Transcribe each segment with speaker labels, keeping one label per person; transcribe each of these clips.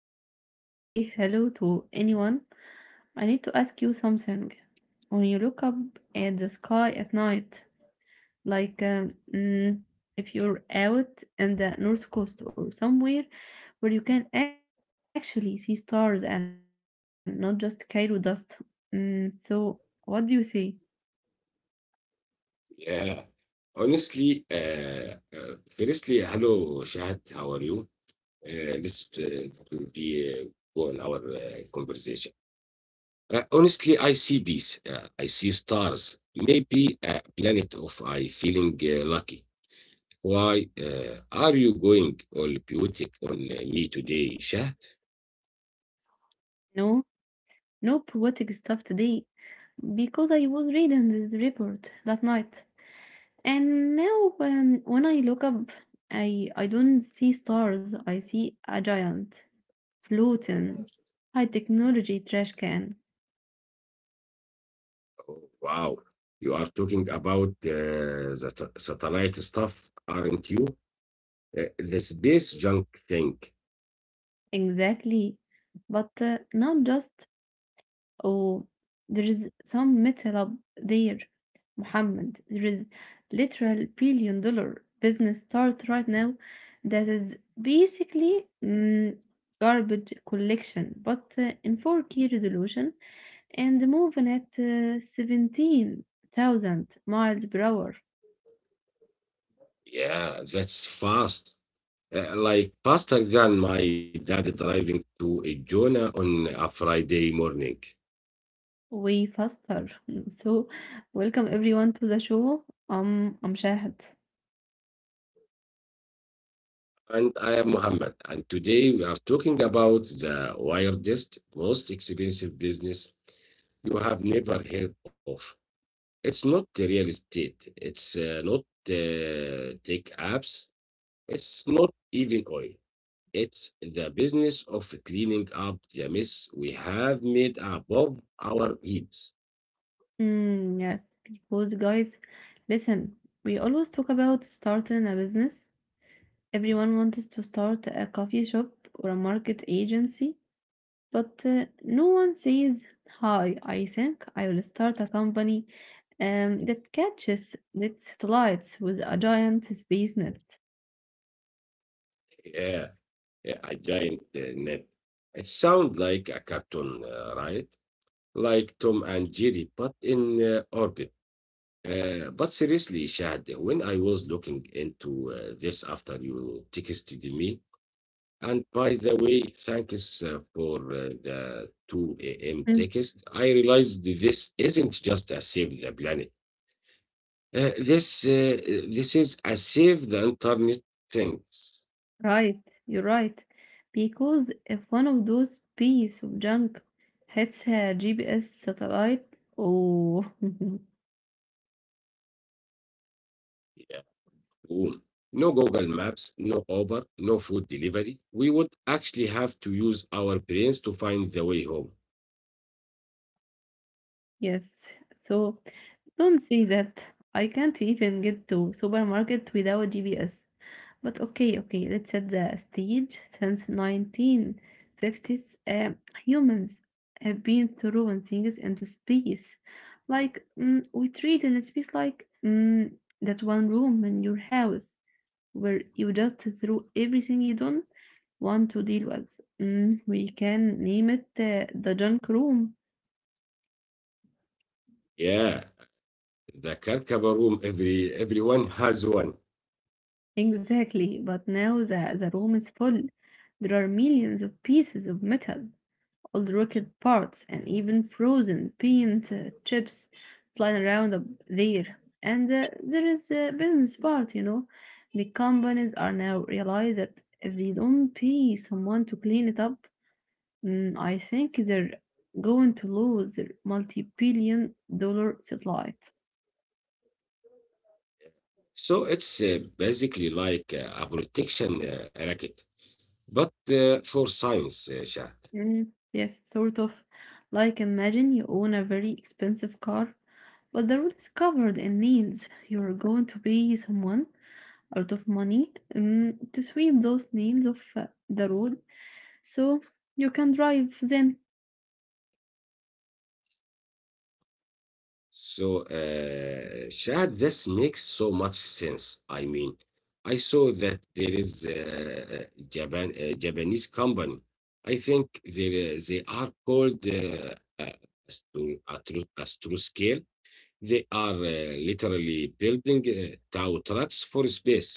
Speaker 1: we even say hello to anyone, I need to ask you something. When you look up at the sky at night, like um, mm, if you're out in the north coast or somewhere where you can actually see stars and not just Cairo dust, so what do you say?
Speaker 2: Yeah. Honestly, firstly, hello, Shahad. How are you? This will be go on our conversation. Honestly, I see peace. I see stars. Maybe a planet of I feeling lucky. Why are you going all poetic on me today, Shahad?
Speaker 1: No, no poetic stuff today because I was reading this report last night. And now when I look up, I don't see stars. I see a giant floating high technology trash can.
Speaker 2: Oh, wow, you are talking about the satellite stuff, aren't you? The space junk thing.
Speaker 1: Exactly, but not just. Oh, there is some metal up there, Muhammad. There is literal billion dollar business start right now that is basically garbage collection, but in 4K resolution and moving at 17,000 miles per hour
Speaker 2: Yeah, that's fast. Like faster than my dad driving to Jonah on a Friday morning.
Speaker 1: way faster. So, welcome everyone to the show. I'm Shahad.
Speaker 2: And I am Mohammed, and today we are talking about the weirdest, most expensive business you have never heard of. It's not the real estate, it's not tech apps, it's not even oil. It's the business of cleaning up the mess we have made above our heads.
Speaker 1: Yes, because guys, listen, we always talk about starting a business. Everyone wants to start a coffee shop or a market agency, but no one says, Hi, I think I will start a company that catches its lights with a giant space net.
Speaker 2: Yeah. A giant net. It sounds like a cartoon, right? Like Tom and Jerry, but in orbit. But seriously, Shad, when I was looking into this after you texted me, and by the way, thanks for the 2 a.m.
Speaker 1: Mm.
Speaker 2: text, I realized this isn't just a save the planet. Uh, this uh, this is a save the internet things.
Speaker 1: Right, you're right. Because if one of those pieces of junk hits a GPS satellite, oh,
Speaker 2: Yeah. Room. No Google Maps, no Uber, no food delivery. We would actually have to use our brains to find the way home.
Speaker 1: yes. So don't say that. I can't even get to supermarket without GPS. But okay, okay, let's set the stage. Since 1950s, humans have been throwing things into space. Like, we treat in space like that one room in your house where you just throw everything you don't want to deal with. Mm, we can name it the junk room.
Speaker 2: Yeah, the Karkaba room, everyone has one.
Speaker 1: Exactly, but now the room is full. There are millions of pieces of metal, old rocket parts, and even frozen paint chips flying around up there. And there is a business part, The companies are now realize that if they don't pay someone to clean it up, I think they're going to lose their multi-billion dollar satellite.
Speaker 2: So it's basically like a protection racket, but for science, Shah.
Speaker 1: Mm, yes, sort of. Like imagine you own a very expensive car, but the road is covered in nails. You're going to pay someone a lot of money to sweep those nails off the road so you can drive then.
Speaker 2: So Shahad, this makes so much sense. I mean, I saw that there is a Japanese company. I think they are called Astroscale. They are literally building tow trucks for space.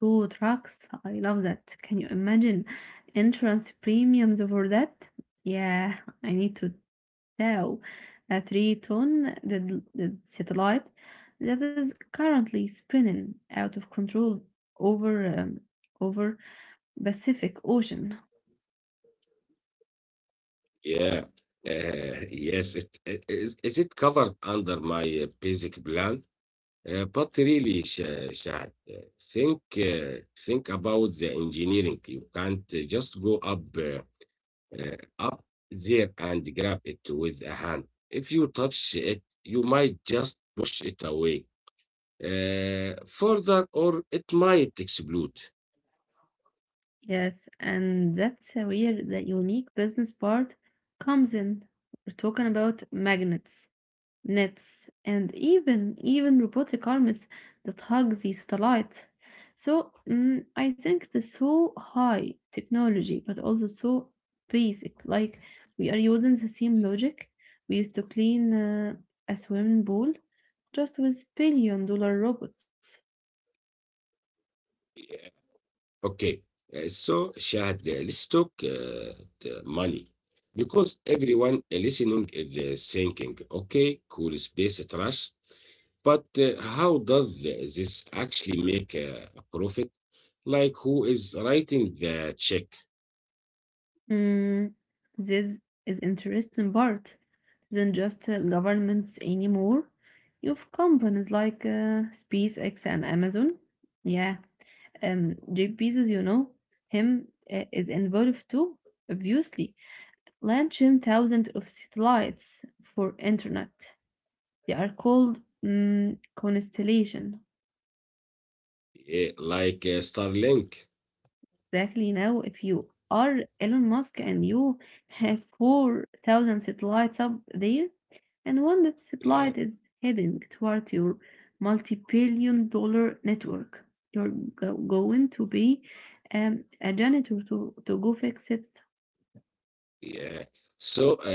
Speaker 1: Two trucks. I love that. Can you imagine entrance premiums over that? Yeah, I need to Tau, a three-ton satellite that is currently spinning out of control over over Pacific Ocean.
Speaker 2: Yeah. Yes, it is it covered under my basic plan? But really, Shahad, think about the engineering. You can't just go up there and grab it with a hand. If you touch it, you might just push it away further, or it might explode.
Speaker 1: Yes, and that's where the unique business part comes in. We're talking about magnets, nets, and even robotic arms that hug these satellites. So I think the so high technology, but also so basic. Like we are using the same logic we used to clean a swimming pool just with billion dollar robots.
Speaker 2: Yeah. Okay, so Shahad, let's talk the money. Because everyone listening is thinking, okay, cool space trash. But how does this actually make a profit? Like, who is writing the check?
Speaker 1: Mm, this is interesting part than just governments anymore. You've companies like SpaceX and Amazon. Yeah. Jeff Bezos, you know, him is involved too, obviously, launching thousands of satellites for internet. They are called constellation.
Speaker 2: Eh, like Starlink.
Speaker 1: Exactly now, if you are Elon Musk and you have 4,000 satellites up there, and one that
Speaker 2: Yeah,
Speaker 1: satellite is heading toward your multi-billion dollar network. You're going to be a janitor to go fix it.
Speaker 2: yeah. So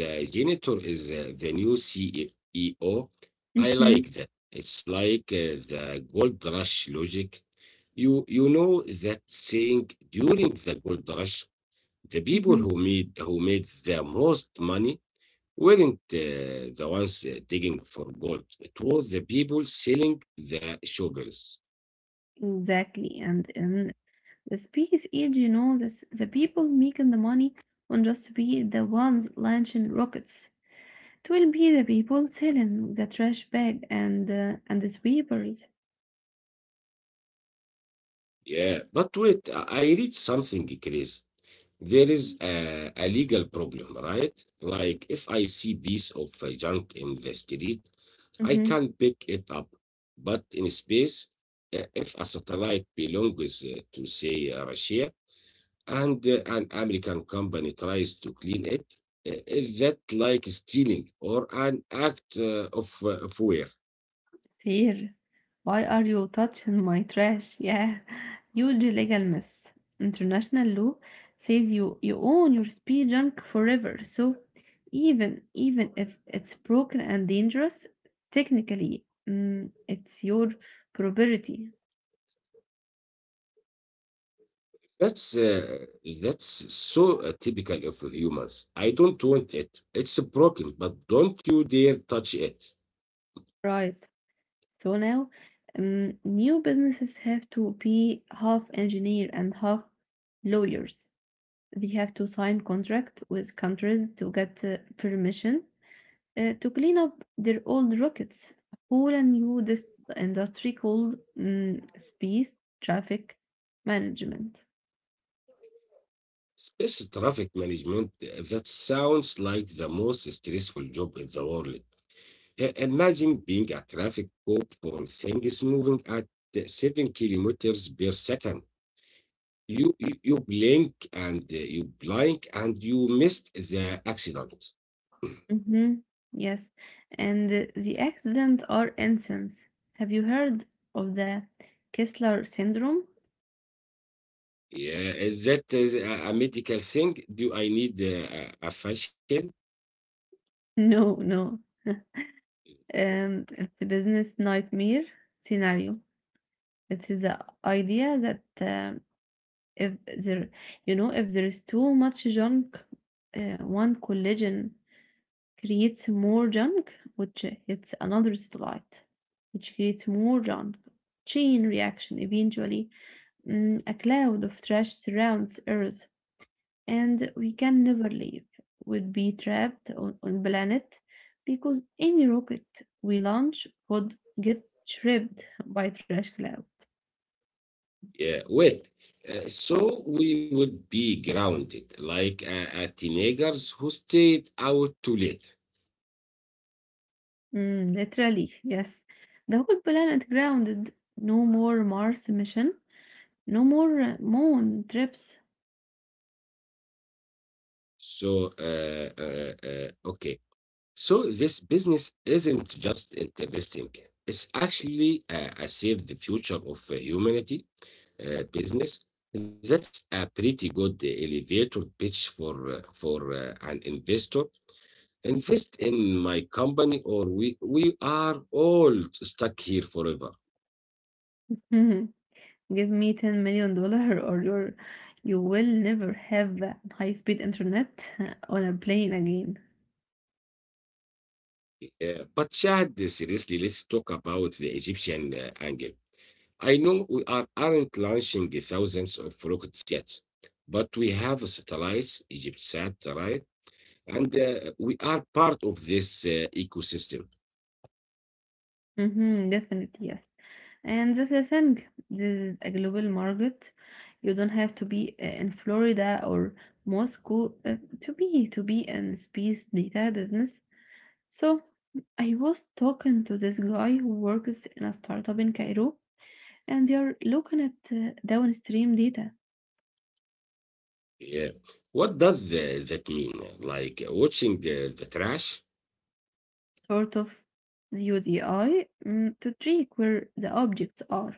Speaker 2: the janitor is the new CEO. I like that. It's like the gold rush logic. You know that saying during the gold rush, the people
Speaker 1: Mhm.
Speaker 2: who made the most money weren't the ones digging for gold. It was the people selling the sugars.
Speaker 1: Exactly. And in the space age, you know, this, the people making the money won't just be the ones launching rockets. It will be the people selling the trash bag and and the sweepers.
Speaker 2: Yeah, but wait, I read something crazy. There is a legal problem, right? Like if I see piece of junk in the street, I can pick it up. But in space, if a satellite belongs to say Russia, and an American company tries to clean it, is that like stealing or an act of war?
Speaker 1: Sir, why are you touching my trash? Yeah, huge legal mess. International law says you own your speed junk forever. So even if it's broken and dangerous, technically, it's your property,
Speaker 2: That's uh, that's so typical of humans. I don't want it. It's a problem, but don't you dare touch it.
Speaker 1: right? So now new businesses have to be half engineer and half lawyers. They have to sign contract with countries to get permission to clean up their old rockets. A whole new industry called space traffic management.
Speaker 2: Space traffic management, that sounds like the most stressful job in the world. Imagine being a traffic cop for things moving at 7 kilometers per second. You blink and you missed the accident.
Speaker 1: Hmm. Yes, and the accident are incidents. Have you heard of the Kessler syndrome?
Speaker 2: Yeah, is a medical thing? Do I need a fashion?
Speaker 1: No, no. It's a business nightmare scenario. It is the idea that um, if there, you know, if there is too much junk, one collision creates more junk, which hits another satellite, which creates more junk. Chain reaction eventually. Mm, a cloud of trash surrounds Earth, and we can never leave. We'd be trapped on planet because any rocket we launch would get shripped by trash cloud.
Speaker 2: Yeah, well, so we would be grounded like teenagers who stayed out too late.
Speaker 1: Mm, literally, yes. The whole planet grounded. No more Mars mission. No more moon trips.
Speaker 2: Okay. So this business isn't just interesting. It's actually a save the future of humanity business. That's a pretty good elevator pitch for an investor. Invest in my company, or we are all stuck here forever.
Speaker 1: Give me $10 million or you will never have high speed internet on a plane again.
Speaker 2: But Shahad, seriously, let's talk about the Egyptian angle. I know aren't launching thousands of rockets yet, but we have satellites, EgyptSat, right? And we are part of this ecosystem.
Speaker 1: Hmm, definitely, yes. And this the thing, this is a global market. You don't have to be in Florida or Moscow to be in space data business. So I was talking to this guy who works in a startup in Cairo, and they are looking at downstream data,
Speaker 2: Yeah. What does that mean? Like watching the trash?
Speaker 1: sort of the UDI, to track where the objects are.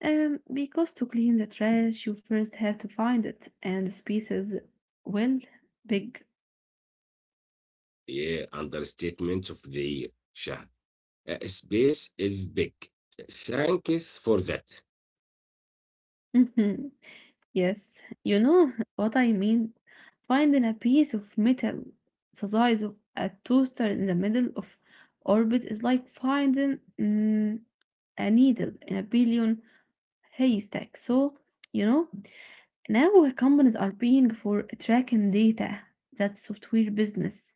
Speaker 1: Because to clean the trash, you first have to find it, and the space is well big.
Speaker 2: Yeah, understatement of the year, Shahad. Space is big. Thank you for that.
Speaker 1: Mhm. Yes, you know what I mean. Finding a piece of metal the size of a toaster in the middle of orbit is like finding a needle in a billion haystack. So, you know, now companies are paying for tracking data. That's software business.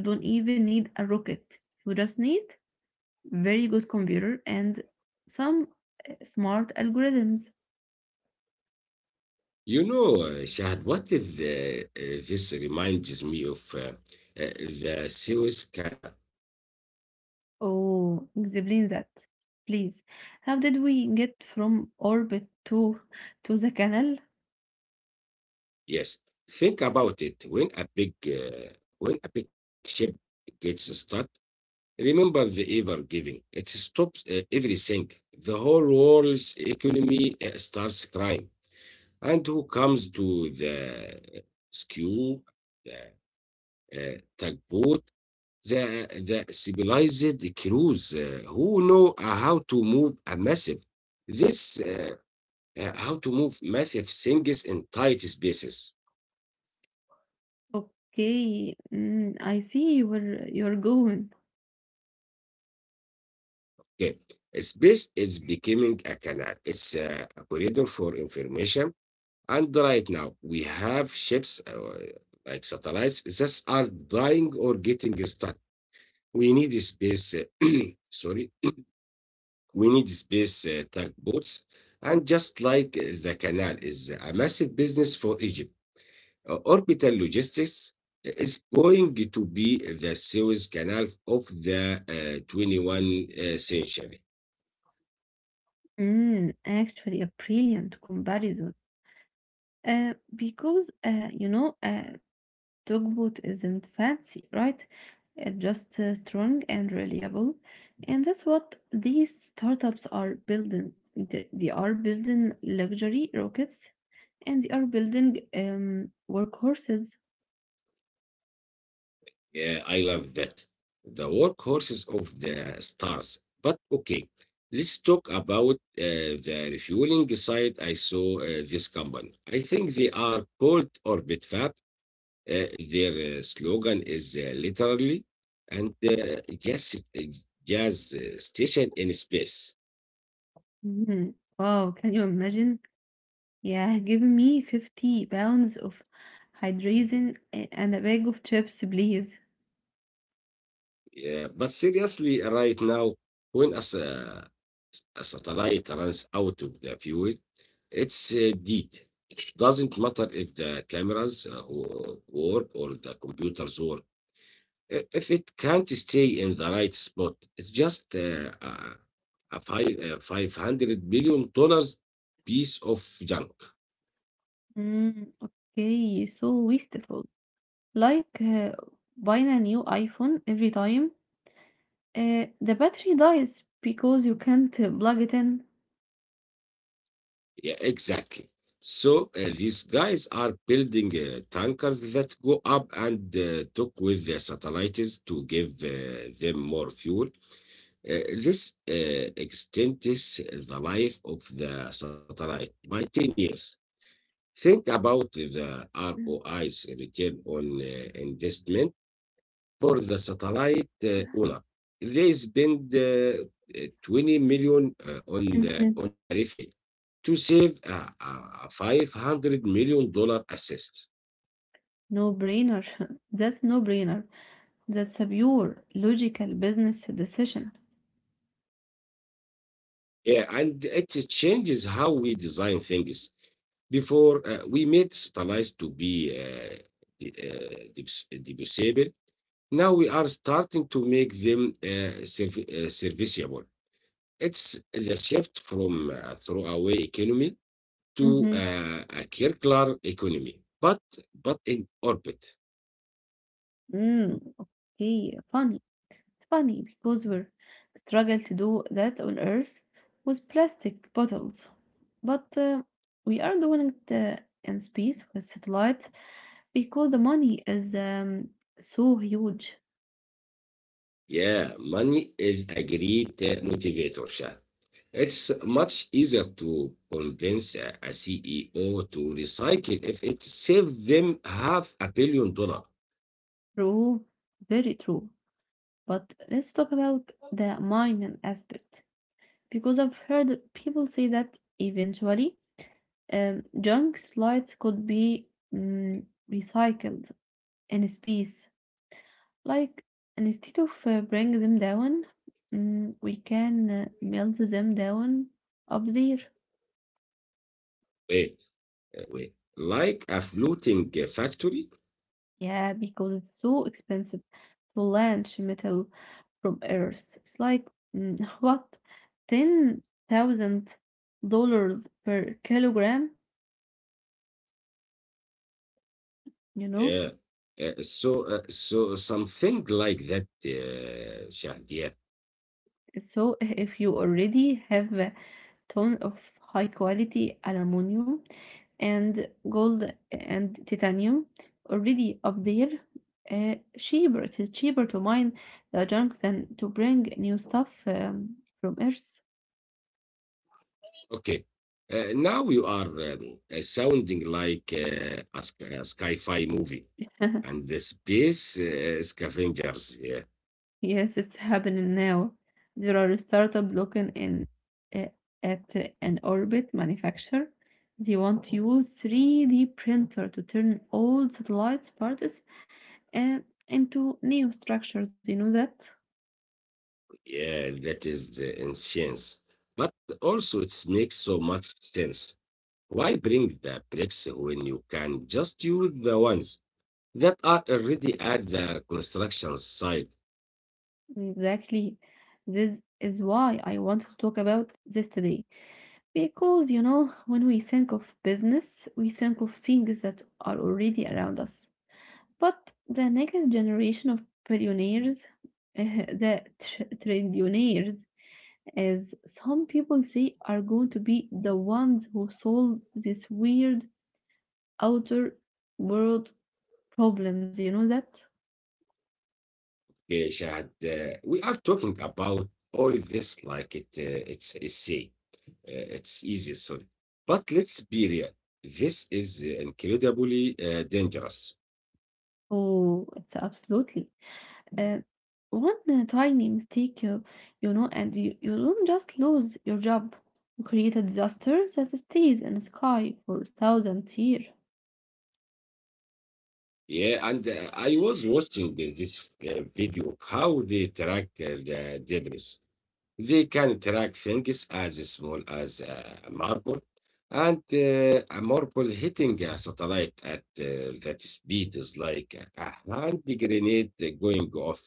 Speaker 1: You don't even need a rocket. You just need very good computer and some smart algorithms.
Speaker 2: You know, Shahad, this reminds me of the Suez Canal.
Speaker 1: Oh, explain that, please. How did we get from orbit to the canal?
Speaker 2: Yes, think about it. When a big ship gets stuck, remember the ever giving. It stops everything. The whole world's economy starts crying. And who comes to the rescue? The tugboat. The the civilized crews who know how to move a massive this how to move massive things in tight spaces.
Speaker 1: Okay, I see where you're going.
Speaker 2: Okay, space is becoming a canal. It's a corridor for information. And right now we have ships like satellites that are dying or getting stuck. We need space. Uh, Sorry, we need space tugboats. And just like the canal is a massive business for Egypt, orbital logistics is going to be the Suez Canal of the 21st century.
Speaker 1: Mm, actually, a brilliant comparison. Because you know, Tugboat isn't fancy, right? It's just strong and reliable. And that's what these startups are building. They are building luxury rockets and they are building workhorses.
Speaker 2: Yeah, I love that. The workhorses of the stars. But okay, let's talk about the refueling site. I saw this company. I think they are called Orbit Fab. Their slogan is literally and just a jazz station in space.
Speaker 1: Mhm. Wow, can you imagine? Yeah, give me 50 pounds of hydrazine and a bag of chips, please.
Speaker 2: Yeah, but seriously, right now, when a satellite runs out of the fuel, it's dead. It doesn't matter if the cameras work or the computers work. If it can't stay in the right spot, it's just a $500 billion piece of junk.
Speaker 1: Mm, okay, so wasteful. Like buying a new iPhone every time the battery dies because you can't plug it in.
Speaker 2: Yeah, exactly. So these guys are building tankers that go up and talk with the satellites to give them more fuel. This extends the life of the satellite by 10 years. Think about the ROI's return on investment for the satellite Ula. They spent 20 million on
Speaker 1: Mhm.
Speaker 2: on Arifi to save a $500 million assist.
Speaker 1: No brainer. That's no brainer. That's a pure logical business decision.
Speaker 2: Yeah, and it changes how we design things. Before we made satellites to be uh, debussable, now we are starting to make them serviceable. It's the shift from throwaway economy to
Speaker 1: Mhm.
Speaker 2: a circular economy, but in orbit.
Speaker 1: Mm, okay, funny. It's funny because we're struggle to do that on Earth with plastic bottles, but we are doing it in space with satellites because the money is so huge.
Speaker 2: Yeah, money is a great motivator, Shah. It's much easier to convince a CEO to recycle if it saves them half a billion dollar.
Speaker 1: True, very true. But let's talk about the mining aspect because I've heard people say that eventually junk slides could be mm, recycled in space. Like, instead of bring them down, we can melt them down up there.
Speaker 2: Wait, wait, like a floating factory?
Speaker 1: Yeah, because it's so expensive to launch metal from Earth. It's like, what, $10,000 per kilogram, you know?
Speaker 2: Yeah. So something like that, Shah.
Speaker 1: So if you already have a ton of high quality aluminum and gold and titanium already up there, cheaper. It is cheaper to mine the junk than to bring new stuff from Earth.
Speaker 2: Okay. Now you are sounding like a sci-fi movie and the space scavengers. Yeah,
Speaker 1: Yes, it's happening now. There are startup looking in uh, at an orbit manufacturer. They want to use 3D printer to turn old satellite parts uh, into new structures. You know that?
Speaker 2: yeah, that is the ancient. But also it makes so much sense. Why bring the bricks when you can just use the ones that are already at the construction site?
Speaker 1: Exactly. This is why I want to talk about this today. Because, you know, when we think of business, we think of things that are already around us. But the next generation of billionaires, the trillionaires, as some people say, are going to be the ones who solve these weird outer world problems. You know that?
Speaker 2: Shahad, we are talking about all this like it's a sea. It's easy, sorry. But let's be real. This is incredibly dangerous.
Speaker 1: Oh, it's absolutely. Uh, one tiny mistake, you know, and you don't just lose your job. You create a disaster that stays in the sky for thousands years,
Speaker 2: Yeah, and I was watching this video of how they track the debris. They can track things as small as a marble, and a marble hitting a satellite at that speed is like a hand grenade going off.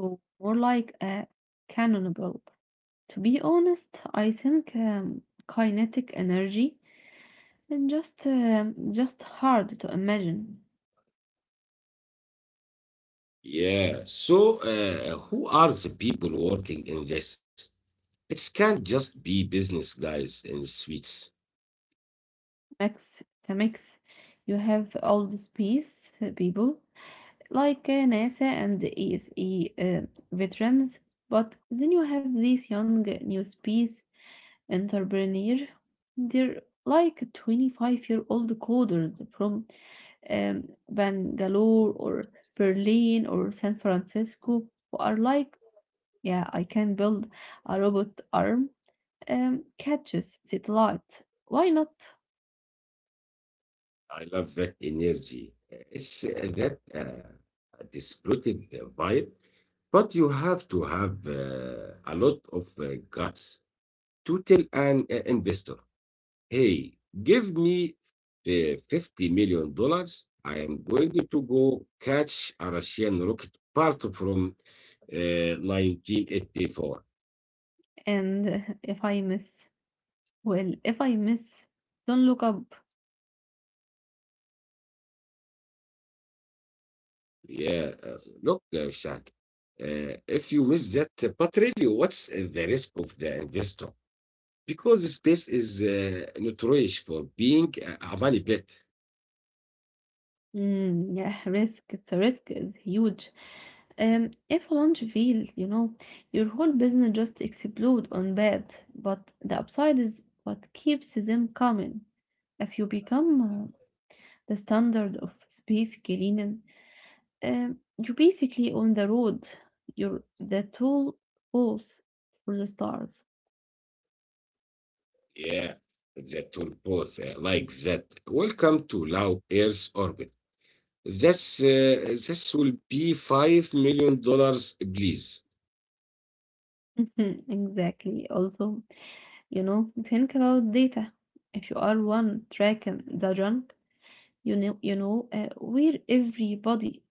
Speaker 1: or more like a cannonball. To be honest, I think kinetic energy and just hard to imagine.
Speaker 2: Yeah. So, who are the people working in this? It can't just be business guys in suits.
Speaker 1: Max, it's a mix. You have all the space people, like NASA and the ESE veterans. But then you have these young new space entrepreneur. They're like 25-year-old coders from um, Bangalore or Berlin or San Francisco who are like, yeah, I can build a robot arm catches satellite. Why not?
Speaker 2: I love that energy. It's that dispirited vibe, but you have to have a lot of guts to tell an investor, hey, give me $50 million. I am going to go catch a Russian rocket part from uh, 1984.
Speaker 1: And if I miss, well, if I miss, don't look up.
Speaker 2: Yeah, look, Shaq, if you miss that, but really, what's the risk of the investor? Because space is notorious for being a money pit.
Speaker 1: Mm, yeah, risk. It's a risk. It's huge. If a launch fail, you know, your whole business just explode on bad. But the upside is what keeps them coming. If you become the standard of space cleaning, you're basically on the road. You're the tool horse for the stars.
Speaker 2: Yeah, the tool both like that. Welcome to low Earth orbit. This will be $5 million, please.
Speaker 1: Mhm, exactly. Also, you know, think about data. If you are one tracking the junk. You know, where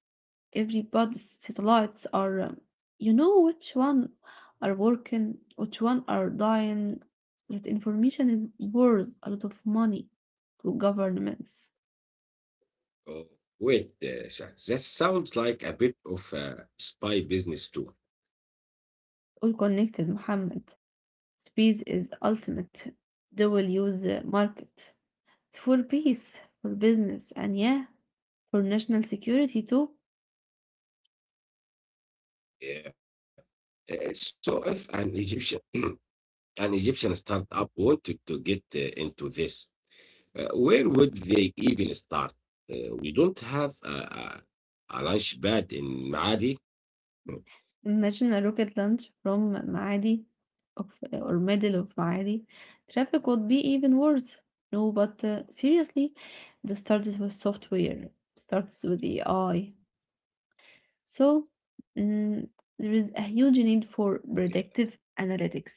Speaker 1: everybody's satellites are. You know which one are working, which one are dying. That information is worth a lot of money to governments.
Speaker 2: Oh, wait, Shaq, that sounds like a bit of a spy business too.
Speaker 1: All connected, Mohammed. Speed is ultimate. They will use the market for peace, for business, and yeah, for national security too.
Speaker 2: Yeah. So if an Egyptian an Egyptian startup wanted to get into this, where would they even start? We don't have a launch pad in Maadi. Hmm.
Speaker 1: Imagine a rocket launch from Maadi, of, or middle of Maadi. Traffic would be even worse. No, but seriously, this started with software, starts with AI. So mm, there is a
Speaker 2: Yeah,
Speaker 1: huge need for predictive analytics.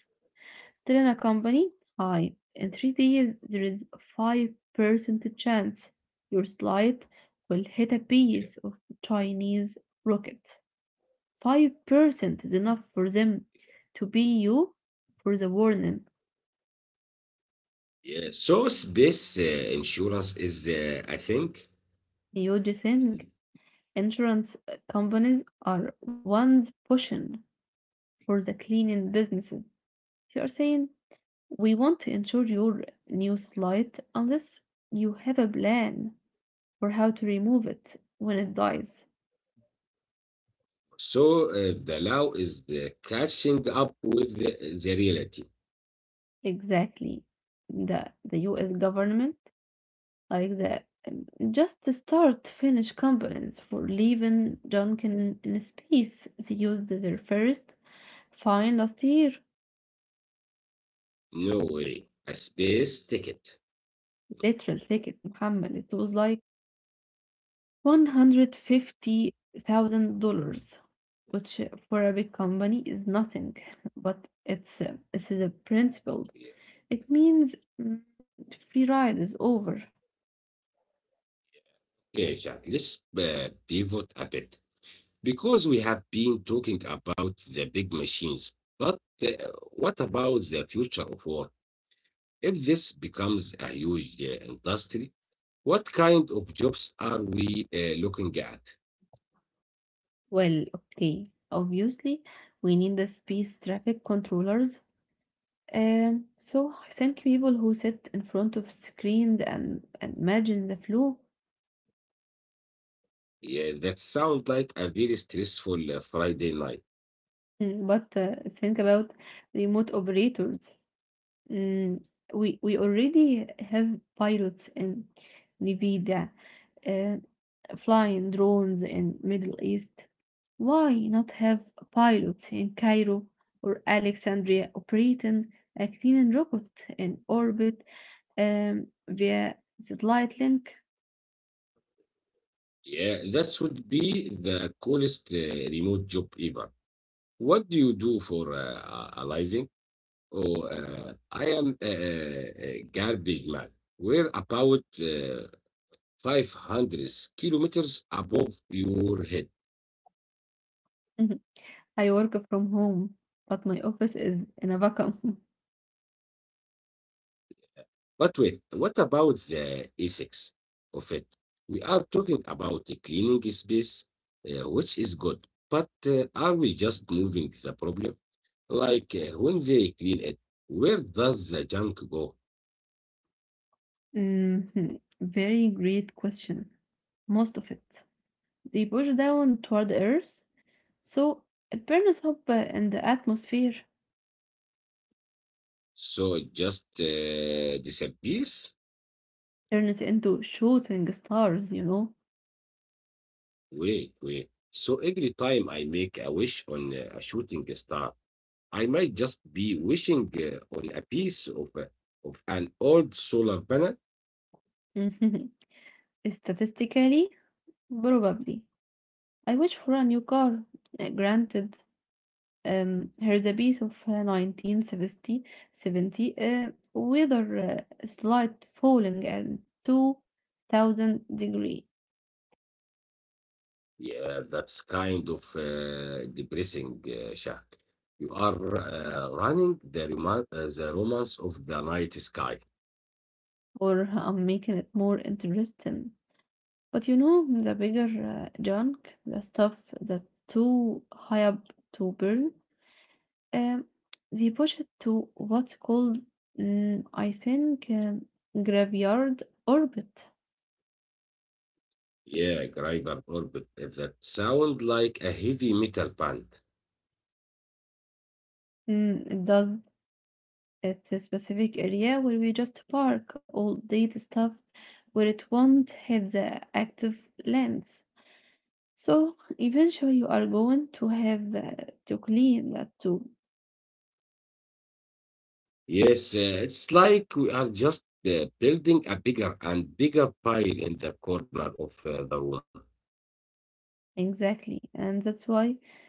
Speaker 1: Tell in a company, hi, in three days there is 5% chance your slide will
Speaker 2: yeah,
Speaker 1: hit a piece of Chinese rocket. 5% is enough for them to pay you for the warning.
Speaker 2: yeah. So space insurance is I think.
Speaker 1: You just think insurance companies are ones pushing for the cleaning businesses. You are saying, we want to insure your new light unless you have a plan for how to remove it when it dies.
Speaker 2: So the law is catching up with the reality.
Speaker 1: Exactly. The US government, like the just the start finish components for leaving junk in space, they used their first fine last year.
Speaker 2: No way. A space ticket.
Speaker 1: Literal ticket, Muhammad, it was like 150 thousand dollars, which for a big company is nothing, but it's the principle.
Speaker 2: Yeah,
Speaker 1: It means, mm, free ride is over.
Speaker 2: yeah, Jack, let's pivot a bit. Because we have been talking about the big machines, but what about the future of work? If this becomes a huge industry, what kind of jobs are we looking at?
Speaker 1: Well, okay, obviously we need the space traffic controllers. So I think people who sit in front of screens and imagine the flow.
Speaker 2: Yeah, that sounds like a very stressful Friday night.
Speaker 1: Mm, but think about remote operators. Mm, we already have pilots in Nevada, uh, flying drones in Middle East. Why not have pilots in Cairo or Alexandria operating a clean rocket in orbit via satellite link?
Speaker 2: Yeah, that should be the coolest remote job ever. What do you do for a living? Oh, I am a garbage man. Where about 500 kilometers above your head.
Speaker 1: Mhm. I work from home, but my office is in a vacuum.
Speaker 2: But wait, what about the ethics of it? We are talking about a cleaning space, which is good, but are we just moving the problem? Like when they clean it, where does the junk go?
Speaker 1: Mhm. Very great question. Most of it. They push down toward Earth, so it burns up in the atmosphere,
Speaker 2: So it just disappears?
Speaker 1: turns into shooting stars.
Speaker 2: Wait, wait. So every time I make a wish on a shooting star, I might just be wishing on a piece of an old solar panel.
Speaker 1: Mhm. Statistically, probably. I wish for a new car. Granted, here's a piece of 1970 weather slight falling at 2000 degree.
Speaker 2: Yeah, that's kind of depressing, Shah. You are running the, the romance of the night sky.
Speaker 1: Or I'm making it more interesting. But you know, the bigger junk, the stuff that too high up to burn, um, they push it to what's called, I think, graveyard orbit.
Speaker 2: Yeah, Griver Orbit. That sound like a heavy metal band.
Speaker 1: Mm, it does. It's a specific area where we just park all data stuff where it won't hit the active lands. So eventually you are going to have to clean that too.
Speaker 2: Yes, it's like we are just building a bigger and bigger pile in the corner of the wall.
Speaker 1: Exactly. And that's why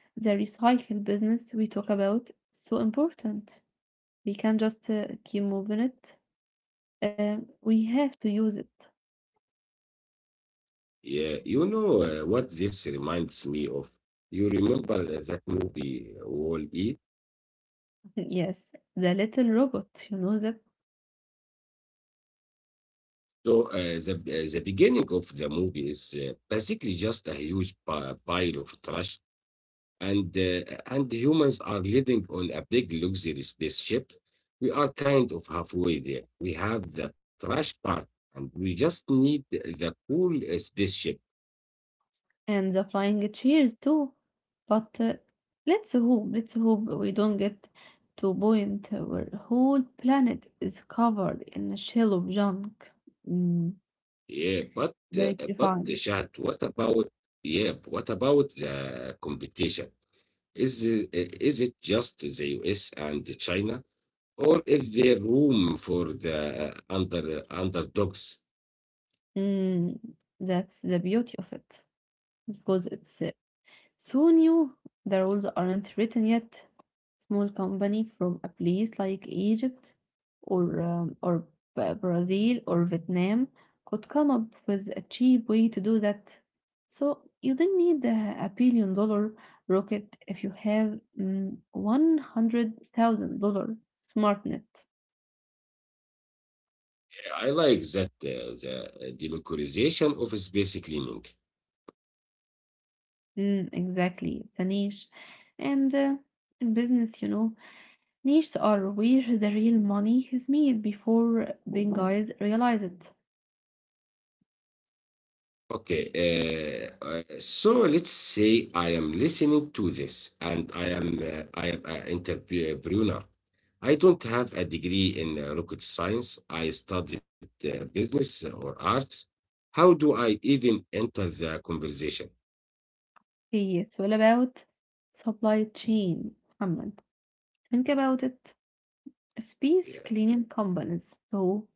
Speaker 1: the recycle business we talk about is so important. We can't just keep moving it. We have to use it.
Speaker 2: Yeah, you know what this reminds me of? You remember that movie Wall-E?
Speaker 1: Yes, the little robot, you know that,
Speaker 2: So the beginning of the movie is basically just a huge pile of trash, and and the humans are living on a big luxury spaceship. We are kind of halfway there. We have the trash part, and we just need the cool spaceship.
Speaker 1: and the flying chairs too. But let's hope we don't get to a point where the whole planet is covered in a shell of junk. Mm,
Speaker 2: Yeah, but
Speaker 1: very
Speaker 2: uh, but uh,
Speaker 1: refined.
Speaker 2: Shad, what about yeah, what about the competition? Is it is it just the US and China, or is there room for the underdogs?
Speaker 1: Mm, that's the beauty of it because it's so new, the rules aren't written yet. Small company from a place like Egypt or or Brazil or Vietnam could come up with a cheap way to do that. So you don't need a billion dollar rocket if you have one hundred thousand dollar SmartNet.
Speaker 2: I like that the democratization of space cleaning.
Speaker 1: Mm, exactly, it's a niche, and in business, you know. Niches are where the real money is made before being guys realize it.
Speaker 2: Okay, so let's say I am listening to this, and I am an entrepreneur. I don't have a degree in rocket science. I studied business or arts. How do I even enter the conversation?
Speaker 1: Hey, it's all about supply chain, Muhammad. Think about it.
Speaker 2: Yeah,
Speaker 1: Space cleaning companies. So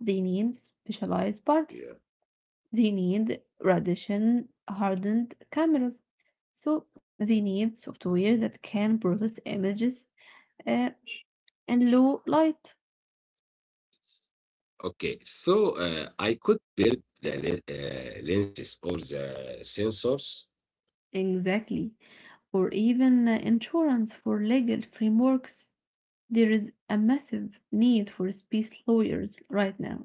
Speaker 1: they need specialized
Speaker 2: yeah.
Speaker 1: parts. They need radiation hardened cameras. So they need software that can process images uh, and low light.
Speaker 2: Okay, so I could build the lenses or the sensors
Speaker 1: Exactly. Or even insurance for legal frameworks. There is a massive need for space lawyers right now.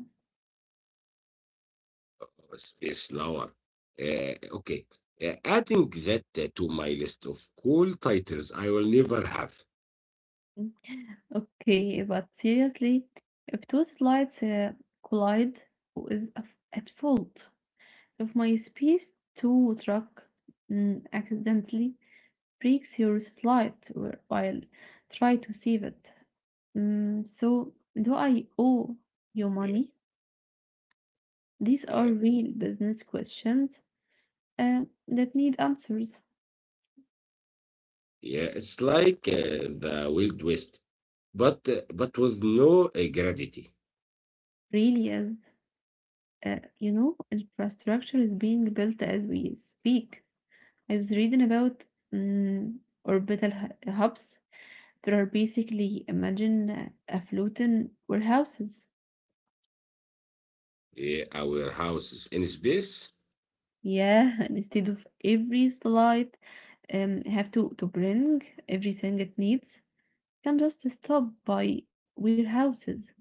Speaker 2: of space lower. Okay, adding that to my list of cool titles I will never have.
Speaker 1: Mm. Okay, but seriously, if two slides collide, who is at fault? If my space two truck accidentally breaks your slide while try to save it, so do I owe you
Speaker 2: Yeah,
Speaker 1: money? These are
Speaker 2: yeah,
Speaker 1: real business questions uh, that need answers.
Speaker 2: yeah. It's like the Wild West, but but with no gravity.
Speaker 1: Really is. You know, infrastructure is being built as we speak. I was reading about mm orbital hubs that are basically imagine a floating warehouses.
Speaker 2: Yeah, our house is in space.
Speaker 1: Yeah, and instead of every satellite have to bring everything it needs, can just stop by warehouses.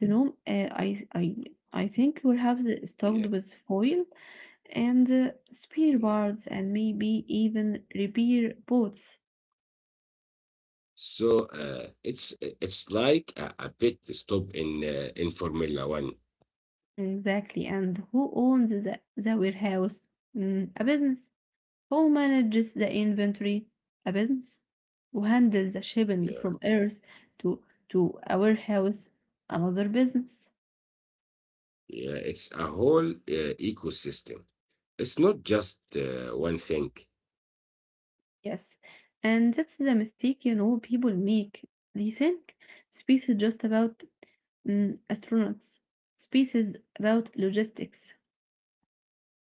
Speaker 1: You know, I I think warehouses
Speaker 2: Yeah.
Speaker 1: stocked with foil and spear
Speaker 2: Yeah.
Speaker 1: birds and maybe even repair boats.
Speaker 2: So uh, it's it's like a pit stop in Formula One.
Speaker 1: Exactly. And who owns the warehouse? Mm, a business. Who manages the inventory? A business. Who handles the shipping
Speaker 2: Yeah,
Speaker 1: from Earth to to a warehouse? Another business.
Speaker 2: yeah, it's a whole ecosystem. It's not just one thing.
Speaker 1: Yes. And that's the mistake, you know, people make. They think space is just about astronauts. Space is about logistics.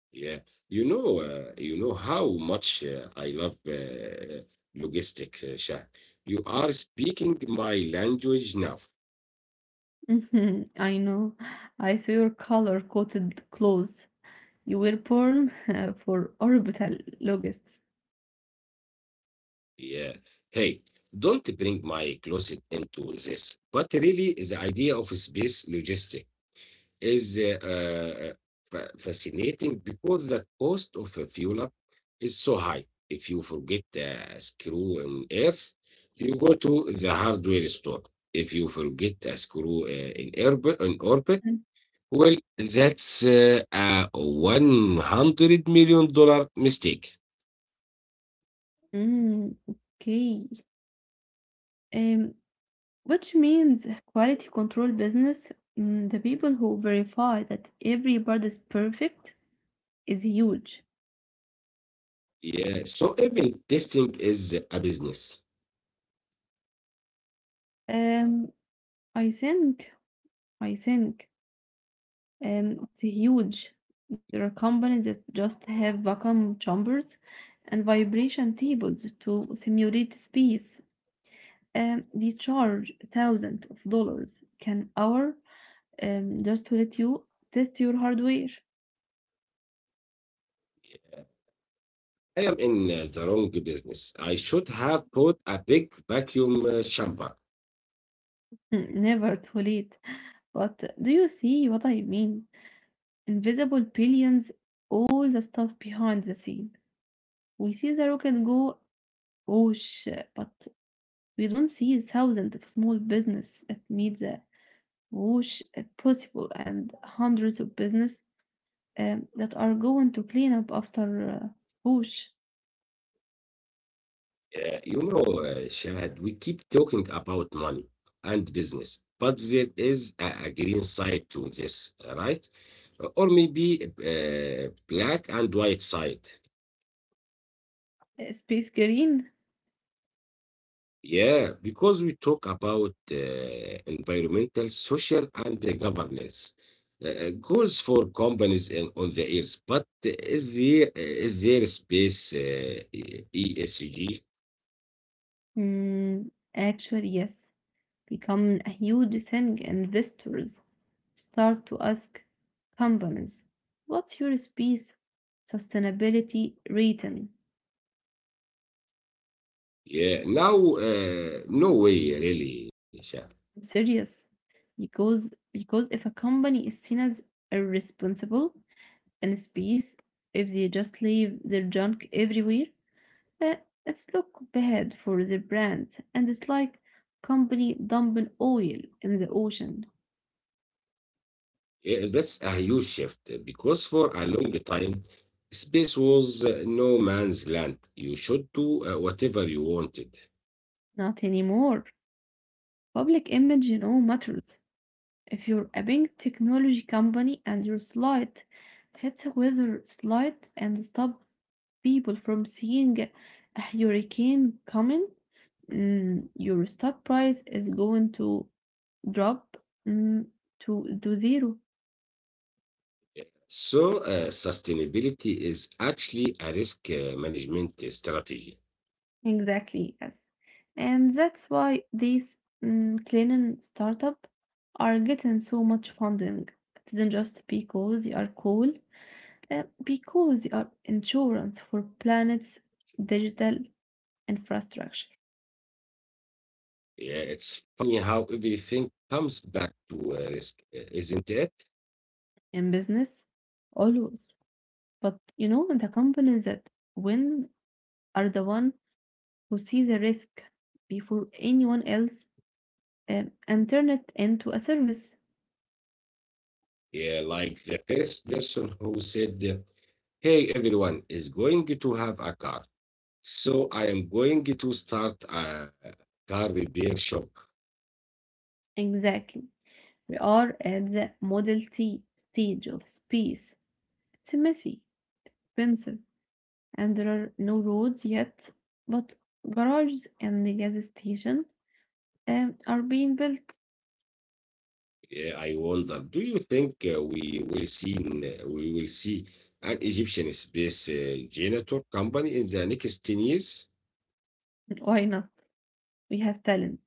Speaker 2: Yeah, you know, how much I love logistics, Shah. You are speaking my language now.
Speaker 1: Mhm, I know. I saw your color-coded clothes. You were born for orbital logistics.
Speaker 2: Yeah. Hey, don't bring my closet into this. But really, the idea of space logistics. Is fascinating because the cost of a fuel up is so high. If you forget a screw in Earth, you go to the hardware store. If you forget a screw in orbit, well, that's a $100 million dollar mistake.
Speaker 1: Mm, okay. Um, which means quality control business, the people who verify that every part is perfect is huge.
Speaker 2: Yeah, so even testing is a business.
Speaker 1: Um, I think, I think it's huge. There are companies that just have vacuum chambers and vibration tables to simulate space. They charge thousands of dollars an hour just to let you test your hardware.
Speaker 2: I am in the wrong business. I should have bought a big vacuum chamber.
Speaker 1: Mm, never too late. But do you see what I mean? Invisible billions, all the stuff behind the scene. We see the rocket go, whoosh, but we don't see thousands of small business that need the whoosh possible and hundreds of business that are going to clean up after whoosh.
Speaker 2: You know, Shahad, we keep talking about money and business, but there is a green side to this, right? Or maybe a black and white side.
Speaker 1: Space Green?
Speaker 2: Yeah, because we talk about environmental, social, and governance goals for companies and on the earth, but is there space ESG?
Speaker 1: Mm, actually, yes, become a huge thing. Investors start to ask companies, what's your space sustainability rating?
Speaker 2: Yeah, now no way really, Shah.
Speaker 1: I'm serious. Because if a company is seen as irresponsible in space, if they just leave their junk everywhere, uh, it's look bad for their brand. And it's like company dumping oil in the ocean.
Speaker 2: Yeah, that's a huge shift because for a long time, space was no man's land. You should do whatever you wanted.
Speaker 1: Not anymore. Public image, you know, matters. If you're a big technology company and your slide hits a weather slide and stop people from seeing a hurricane coming, your stock price is going to drop, mm, to zero.
Speaker 2: So, sustainability is actually a risk management strategy.
Speaker 1: Exactly, yes. And that's why these cleaning startup are getting so much funding. It isn't just because they are cool. Because you are insurance for planet's digital infrastructure.
Speaker 2: Yeah, it's funny how everything comes back to risk, isn't it?
Speaker 1: In business, always. But you know, the companies that win are the one who see the risk before anyone else and turn it into a service.
Speaker 2: Yeah, like the first person who said, hey, everyone is going to have a car. So I am going to start a car repair shop.
Speaker 1: Exactly. We are at the Model T stage of space. It's messy, expensive, and there are no roads yet, but garages and the gas station are being built.
Speaker 2: Yeah, I wonder, do you think we will see an Egyptian space generator company in the next 10 years?
Speaker 1: Why not? We have talent.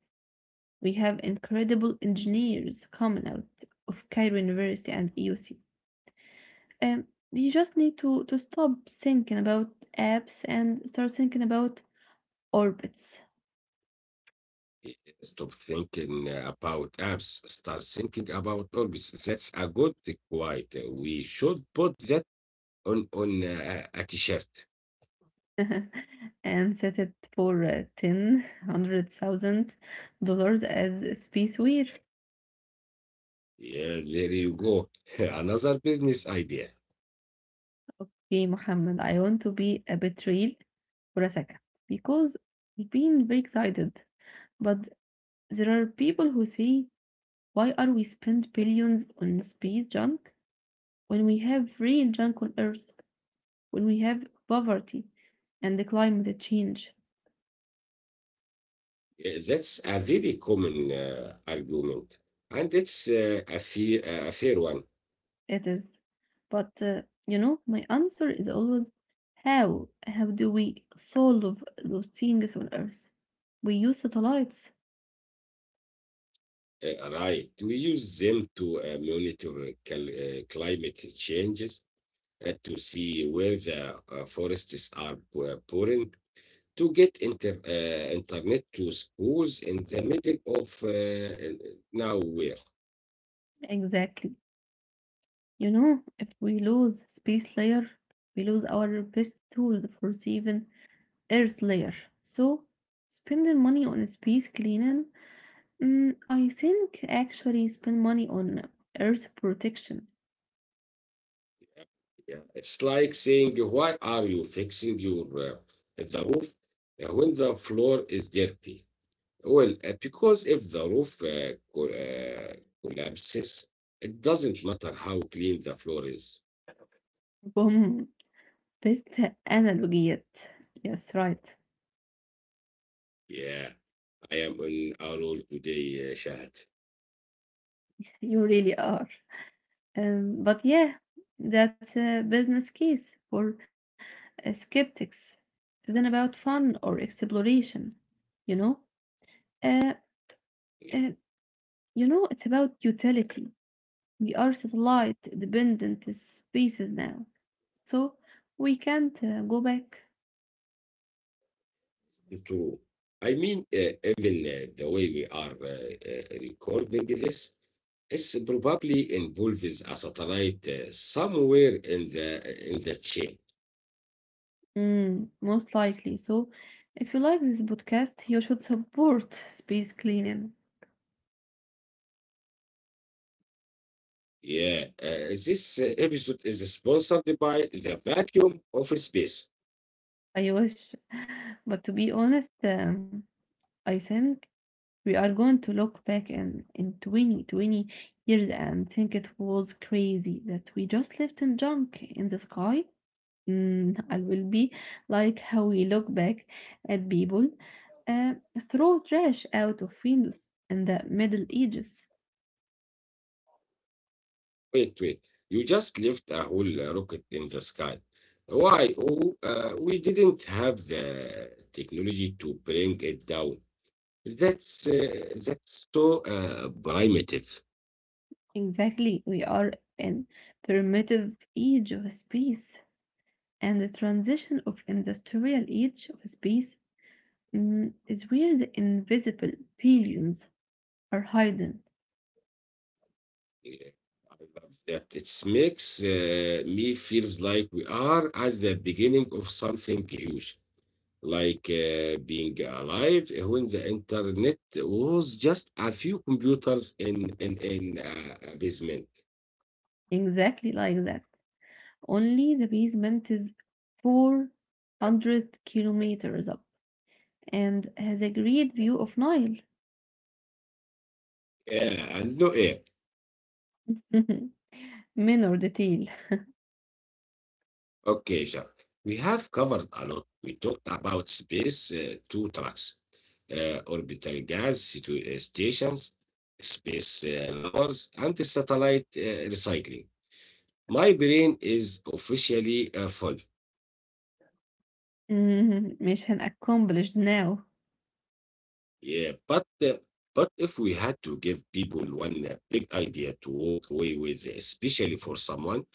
Speaker 1: We have incredible engineers coming out of Cairo University and EUC. Um, you just need to stop thinking about apps and start thinking about orbits.
Speaker 2: Stop thinking about apps. Start thinking about hobbies. That's a good quite. We should put that on a t-shirt.
Speaker 1: And set it for ten hundred thousand dollars as a space spaceware.
Speaker 2: Yeah, there you go. Another business idea.
Speaker 1: Hey, Mohammed, I want to be a bit real for a second because I've been very excited, but there are people who say, why are we spend billions on space junk when we have real junk on Earth, when we have poverty and the climate change?
Speaker 2: Yeah, that's a very common argument, and it's a fair one.
Speaker 1: It is. But you know, my answer is always how? How do we solve those things on Earth? We use satellites.
Speaker 2: Right. We use them to monitor climate changes, to see where the forests are pouring to get internet to schools in the middle of nowhere.
Speaker 1: Exactly. You know, if we lose space layer, we lose our best tool for saving Earth layer. So spending money on space cleaning, I think, actually spend money on earth protection.
Speaker 2: Yeah, it's like saying, why are you fixing your the roof when the floor is dirty? Well, because if the roof collapses, it doesn't matter how clean the floor is.
Speaker 1: Boom. Best analogy yet. Yes, right.
Speaker 2: Yeah. I am on our own today, Shahad.
Speaker 1: You really are. But yeah, that's a business case for skeptics. It isn't about fun or exploration, you know? Uh,
Speaker 2: Yes,
Speaker 1: uh, you know, it's about utility. We are satellite dependent spaces now, so we can't go back.
Speaker 2: true. I mean, even the way we are recording this is probably involves a satellite somewhere in the chain.
Speaker 1: Mm, most likely. So, if you like this podcast, you should support space cleaning.
Speaker 2: Yeah, this episode is sponsored by the vacuum of space.
Speaker 1: I wish. But to be honest, I think we are going to look back in twenty, twenty years and think it was crazy that we just left in junk in the sky. Mm, I will be like how we look back at people uh, throw trash out of windows in the Middle Ages.
Speaker 2: Wait, wait. You just left a whole rocket in the sky. Why? Oh, we didn't have the technology to bring it down. That's so primitive.
Speaker 1: Exactly, we are in primitive age of space, and the transition of industrial age of space, is where the invisible billions are hidden.
Speaker 2: Yeah, I love that. It makes me feels like we are at the beginning of something huge, like being alive when the internet was just a few computers in a basement.
Speaker 1: Exactly like that. Only the basement is 400 kilometers up and has a great view of Nile.
Speaker 2: Yeah, and no air.
Speaker 1: Minor detail.
Speaker 2: Okay, Jacques, we have covered a lot. We talked about space, two tracks, orbital gas stations, space lowers, and the satellite recycling. My brain is officially full.
Speaker 1: مش هنaccomplished now.
Speaker 2: Yeah, but if we had to give people one big idea to walk away with, especially for someone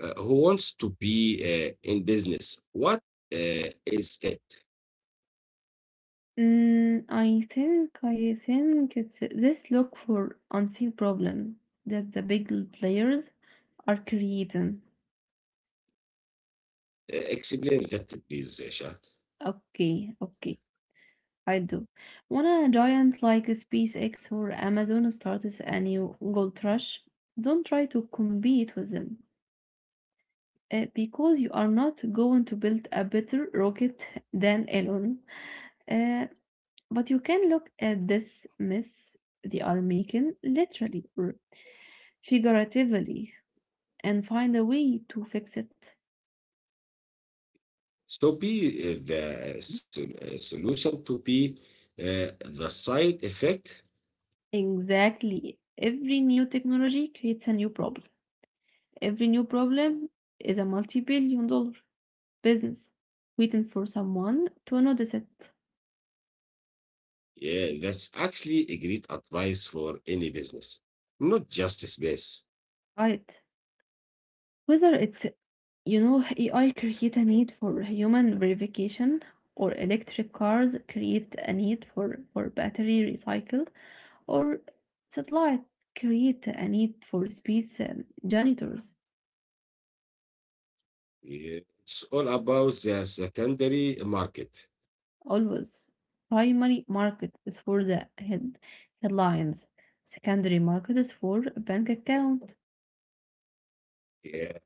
Speaker 2: who wants to be in business, what is it?
Speaker 1: Mm, I think, I think it's this: look for unseen problem that the big players are creating.
Speaker 2: Explain a little, please, Shad.
Speaker 1: Okay, okay, I do. When a giant like SpaceX or Amazon starts a new gold rush, don't try to compete with them, because you are not going to build a better rocket than Elon. Uh, But you can look at this mess they are making, literally or figuratively, and find a way to fix it.
Speaker 2: So be the solution to be the side effect.
Speaker 1: Exactly. Every new technology creates a new problem. Every new problem is a multi billion dollar business waiting for someone to notice it.
Speaker 2: Yeah, that's actually a great advice for any business, not just space.
Speaker 1: Right. Whether it's, you know, AI create a need for human verification or electric cars create a need for battery recycle, or satellite create a need for space janitors,
Speaker 2: It's all about the secondary market.
Speaker 1: always. Primary market is for the headlines. Secondary market is for a bank account.
Speaker 2: Yeah.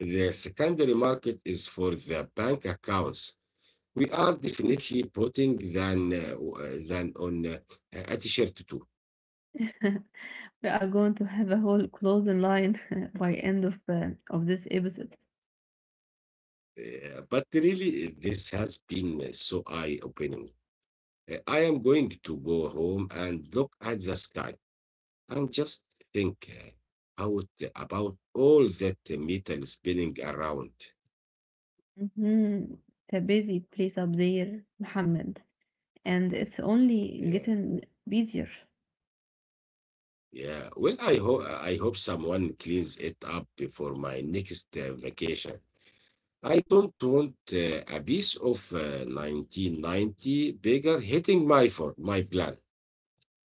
Speaker 2: The secondary market is for the bank accounts. We are definitely putting than on a t-shirt too.
Speaker 1: We are going to have a whole closing line by end of this episode.
Speaker 2: But really, this has been so eye-opening. I am going to go home and look at the sky and just think out about all that metal spinning around.
Speaker 1: Mhm. It's a busy place up there, Mohammed, and it's only
Speaker 2: Yeah.
Speaker 1: getting busier.
Speaker 2: Yeah, well, I hope someone cleans it up before my next vacation. I don't want a piece of 1990 beggar hitting my for my plan.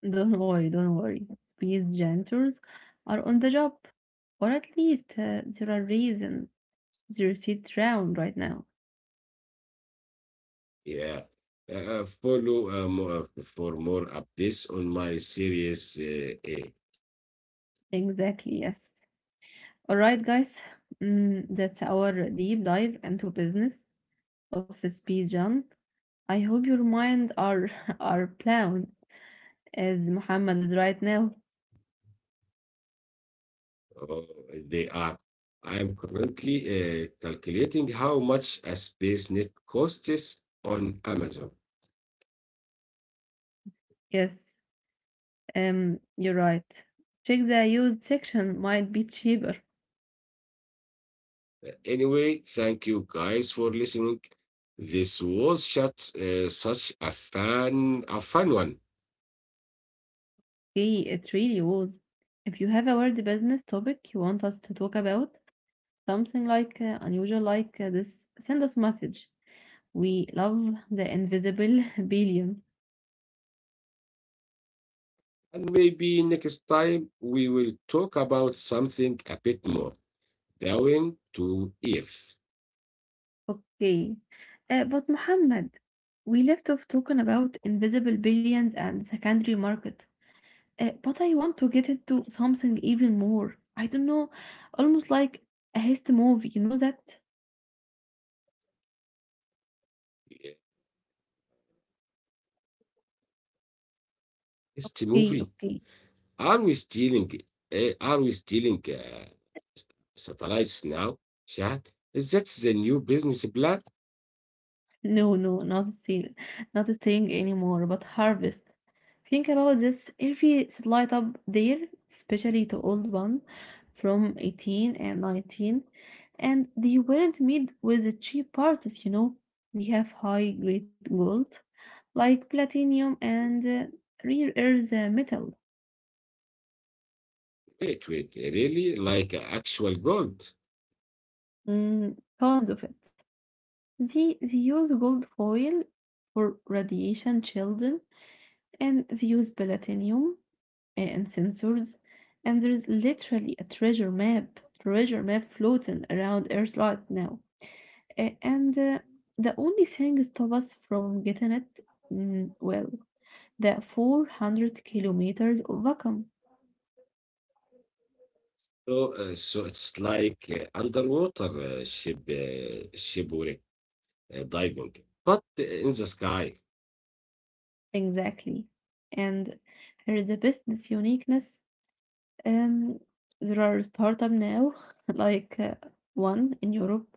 Speaker 1: Don't worry. Space janitors are on the job, or at least there are reasons they're sit round right now.
Speaker 2: Yeah. Follow more, for more updates on my series A.
Speaker 1: Exactly, yes. All right, guys, that's our deep dive into business of space jam. I hope your mind are are blown as Muhammad is right now.
Speaker 2: Oh, they are. I am currently calculating how much a space net costs on Amazon.
Speaker 1: Yes, you're right. Check the used section might be cheaper.
Speaker 2: Anyway, thank you guys for listening. This was such, such a fun one.
Speaker 1: Okay, it really was. If you have a word business topic you want us to talk about, something like unusual like this, send us message. We love the invisible billion.
Speaker 2: And maybe next time we will talk about something a bit more down to earth.
Speaker 1: Okay. But Muhammad, we left off talking about invisible billions and secondary market. But I want to get into something even more. I don't know, almost like a heist movie, you know that?
Speaker 2: It's the
Speaker 1: Okay,
Speaker 2: movie.
Speaker 1: okay.
Speaker 2: Are we stealing? Are we stealing satellites now, Shad? Is that the new business plan?
Speaker 1: No, no, not see, not staying anymore, but harvest. Think about this. Every light up there, especially the old one from 18 and 19, and they weren't made with the cheap parts, you know. We have high grade gold, like platinum and rare earth metal,
Speaker 2: Wait, wait, really? Like actual gold?
Speaker 1: tons of it. They use gold foil for radiation shielding, and they use platinum and sensors, and there is literally a treasure map floating around Earth right now. And the only thing stop us from getting it, well, the 400 kilometers of vacuum.
Speaker 2: So, so it's like underwater shipwreck diving, but in the sky,
Speaker 1: Exactly. And there is the business uniqueness. Um, there are startup now, like one in Europe.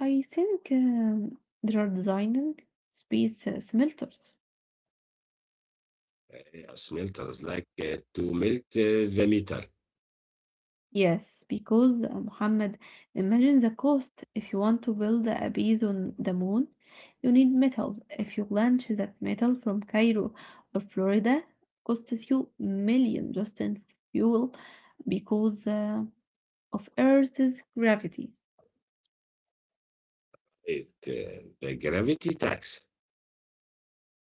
Speaker 1: I think they are designing space smelters.
Speaker 2: smelters like to melt the metal.
Speaker 1: Yes, because Muhammad, imagine the cost. If you want to build a base on the moon, you need metal. If you launch that metal from Cairo or Florida, costs you million just in fuel because of Earth's gravity.
Speaker 2: The gravity tax.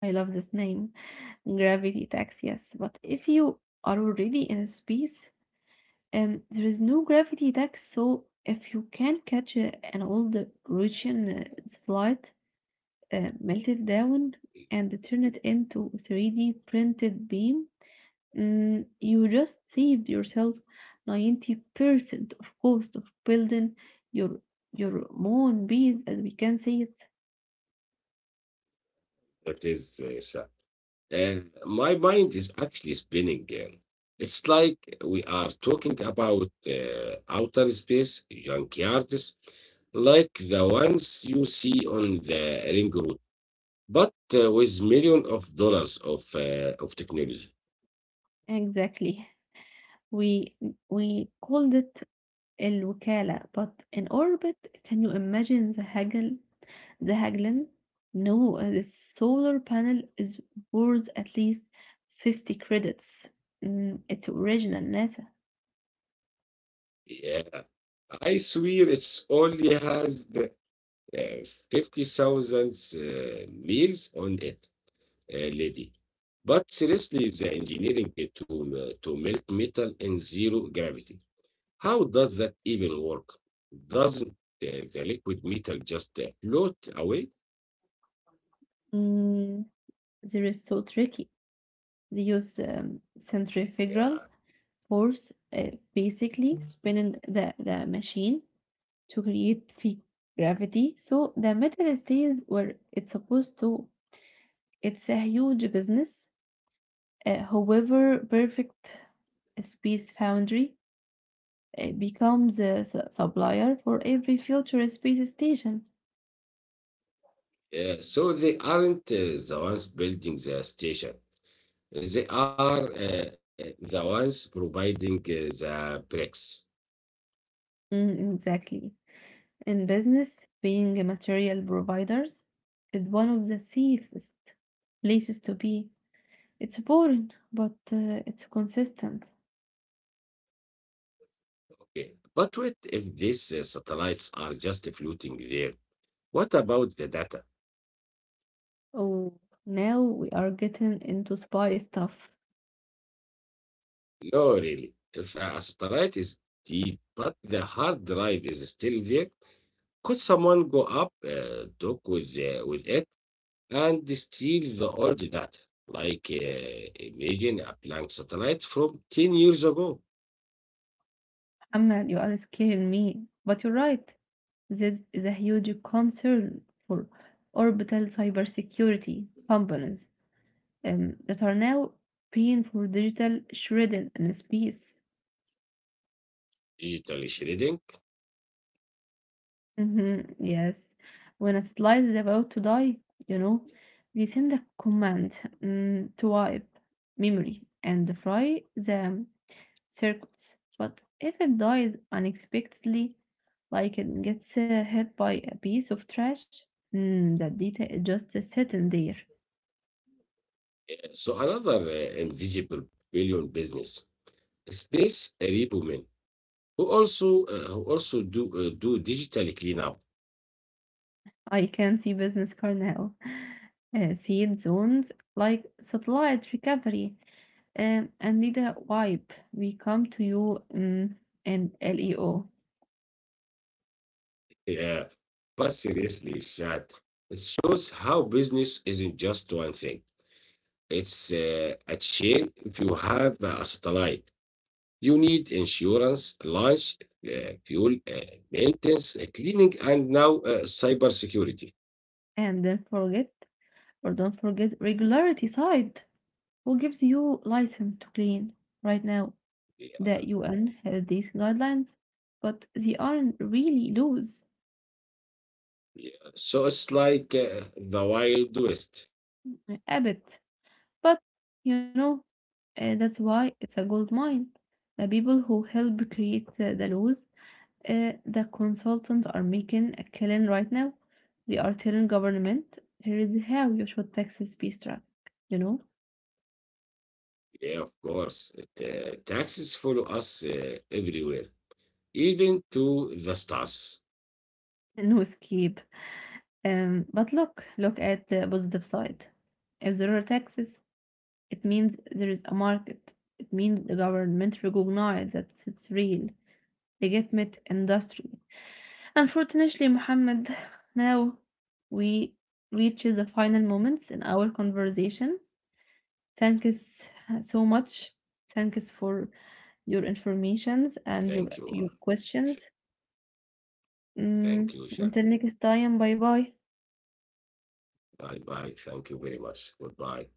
Speaker 1: I love this name, gravity tax, yes. But if you are already in space, there is no gravity tax, so if you can catch an old Russian flight, melt it down and turn it into a 3D printed beam, you just saved yourself 90% of cost of building your your own bees, as we can say it.
Speaker 2: That is, so- and my mind is actually spinning. It's like we are talking about outer space junkyards, like the ones you see on the ring road, but with millions of dollars of technology.
Speaker 1: Exactly. We we called it الوكالة but in orbit can you imagine the Hagel, the Haglin? No, the solar panel is worth at least 50 credits. Mm, it's original NASA.
Speaker 2: Yeah, I swear it's only has the uh, 50,000 meals on it, lady. But seriously, the engineering to melt metal in zero gravity. How does that even work? Doesn't the liquid metal just float away?
Speaker 1: Mm, there is so tricky. They use centrifugal
Speaker 2: Yeah.
Speaker 1: force, basically spinning the machine to create free gravity. So the metal stays where it's supposed to. It's a huge business. However, perfect space foundry becomes a supplier for every future space station.
Speaker 2: Yeah, so they aren't the ones building the station. They are the ones providing the bricks.
Speaker 1: Mm, exactly. In business, being a material providers is one of the safest places to be. It's boring, but it's consistent.
Speaker 2: Okay. But what if these satellites are just floating there? What about the data?
Speaker 1: Oh, now we are getting into spy stuff.
Speaker 2: No, really. If a satellite is dead, but the hard drive is still there, could someone go up, talk with it, and steal the old data? Like imagine a blank satellite from 10 years ago,
Speaker 1: Ahmed, you are scaring me, but you're right. This is a huge concern for orbital cybersecurity companies that are now paying for digital shredded in space.
Speaker 2: digital shredding.
Speaker 1: Mhm, yes, when a satellite is about to die, you know, they send a command to wipe memory and fry the circuits. But if it dies unexpectedly, like it gets hit by a piece of trash, that data is just sitting there.
Speaker 2: So another invisible billion business. Space Arab women who also who also do do digital cleanup.
Speaker 1: I can see business card now. Seed zones like satellite recovery and Nida wipe. We come to you and LEO.
Speaker 2: Yeah, but seriously, Shad, it shows how business isn't just one thing. It's a chain. If you have a satellite, you need insurance, launch, fuel, maintenance, cleaning, and now cyber security.
Speaker 1: And don't forget, or don't forget, regularity side. Who gives you license to clean? Right now,
Speaker 2: Yeah,
Speaker 1: the UN has these guidelines, but they aren't really loose.
Speaker 2: yeah. So it's like the Wild West.
Speaker 1: A bit. But, you know, that's why it's a gold mine the people who help create the laws. The consultants are making a killing right now. They are telling government here is how you should taxes be struck, you know.
Speaker 2: Yeah, of course. Taxes follow us everywhere, even to the stars.
Speaker 1: No escape. But look, look at the positive side. If there are taxes, it means there is a market. It means the government recognize that it's real legitimate industry. Unfortunately, Mohammed, now we reach the final moments in our conversation. Thank you so much. Thanks for your informations and your
Speaker 2: Thank you.
Speaker 1: your questions.
Speaker 2: Thank you, Sha.
Speaker 1: Until next time, bye bye.
Speaker 2: Bye bye. Thank you very much. Goodbye.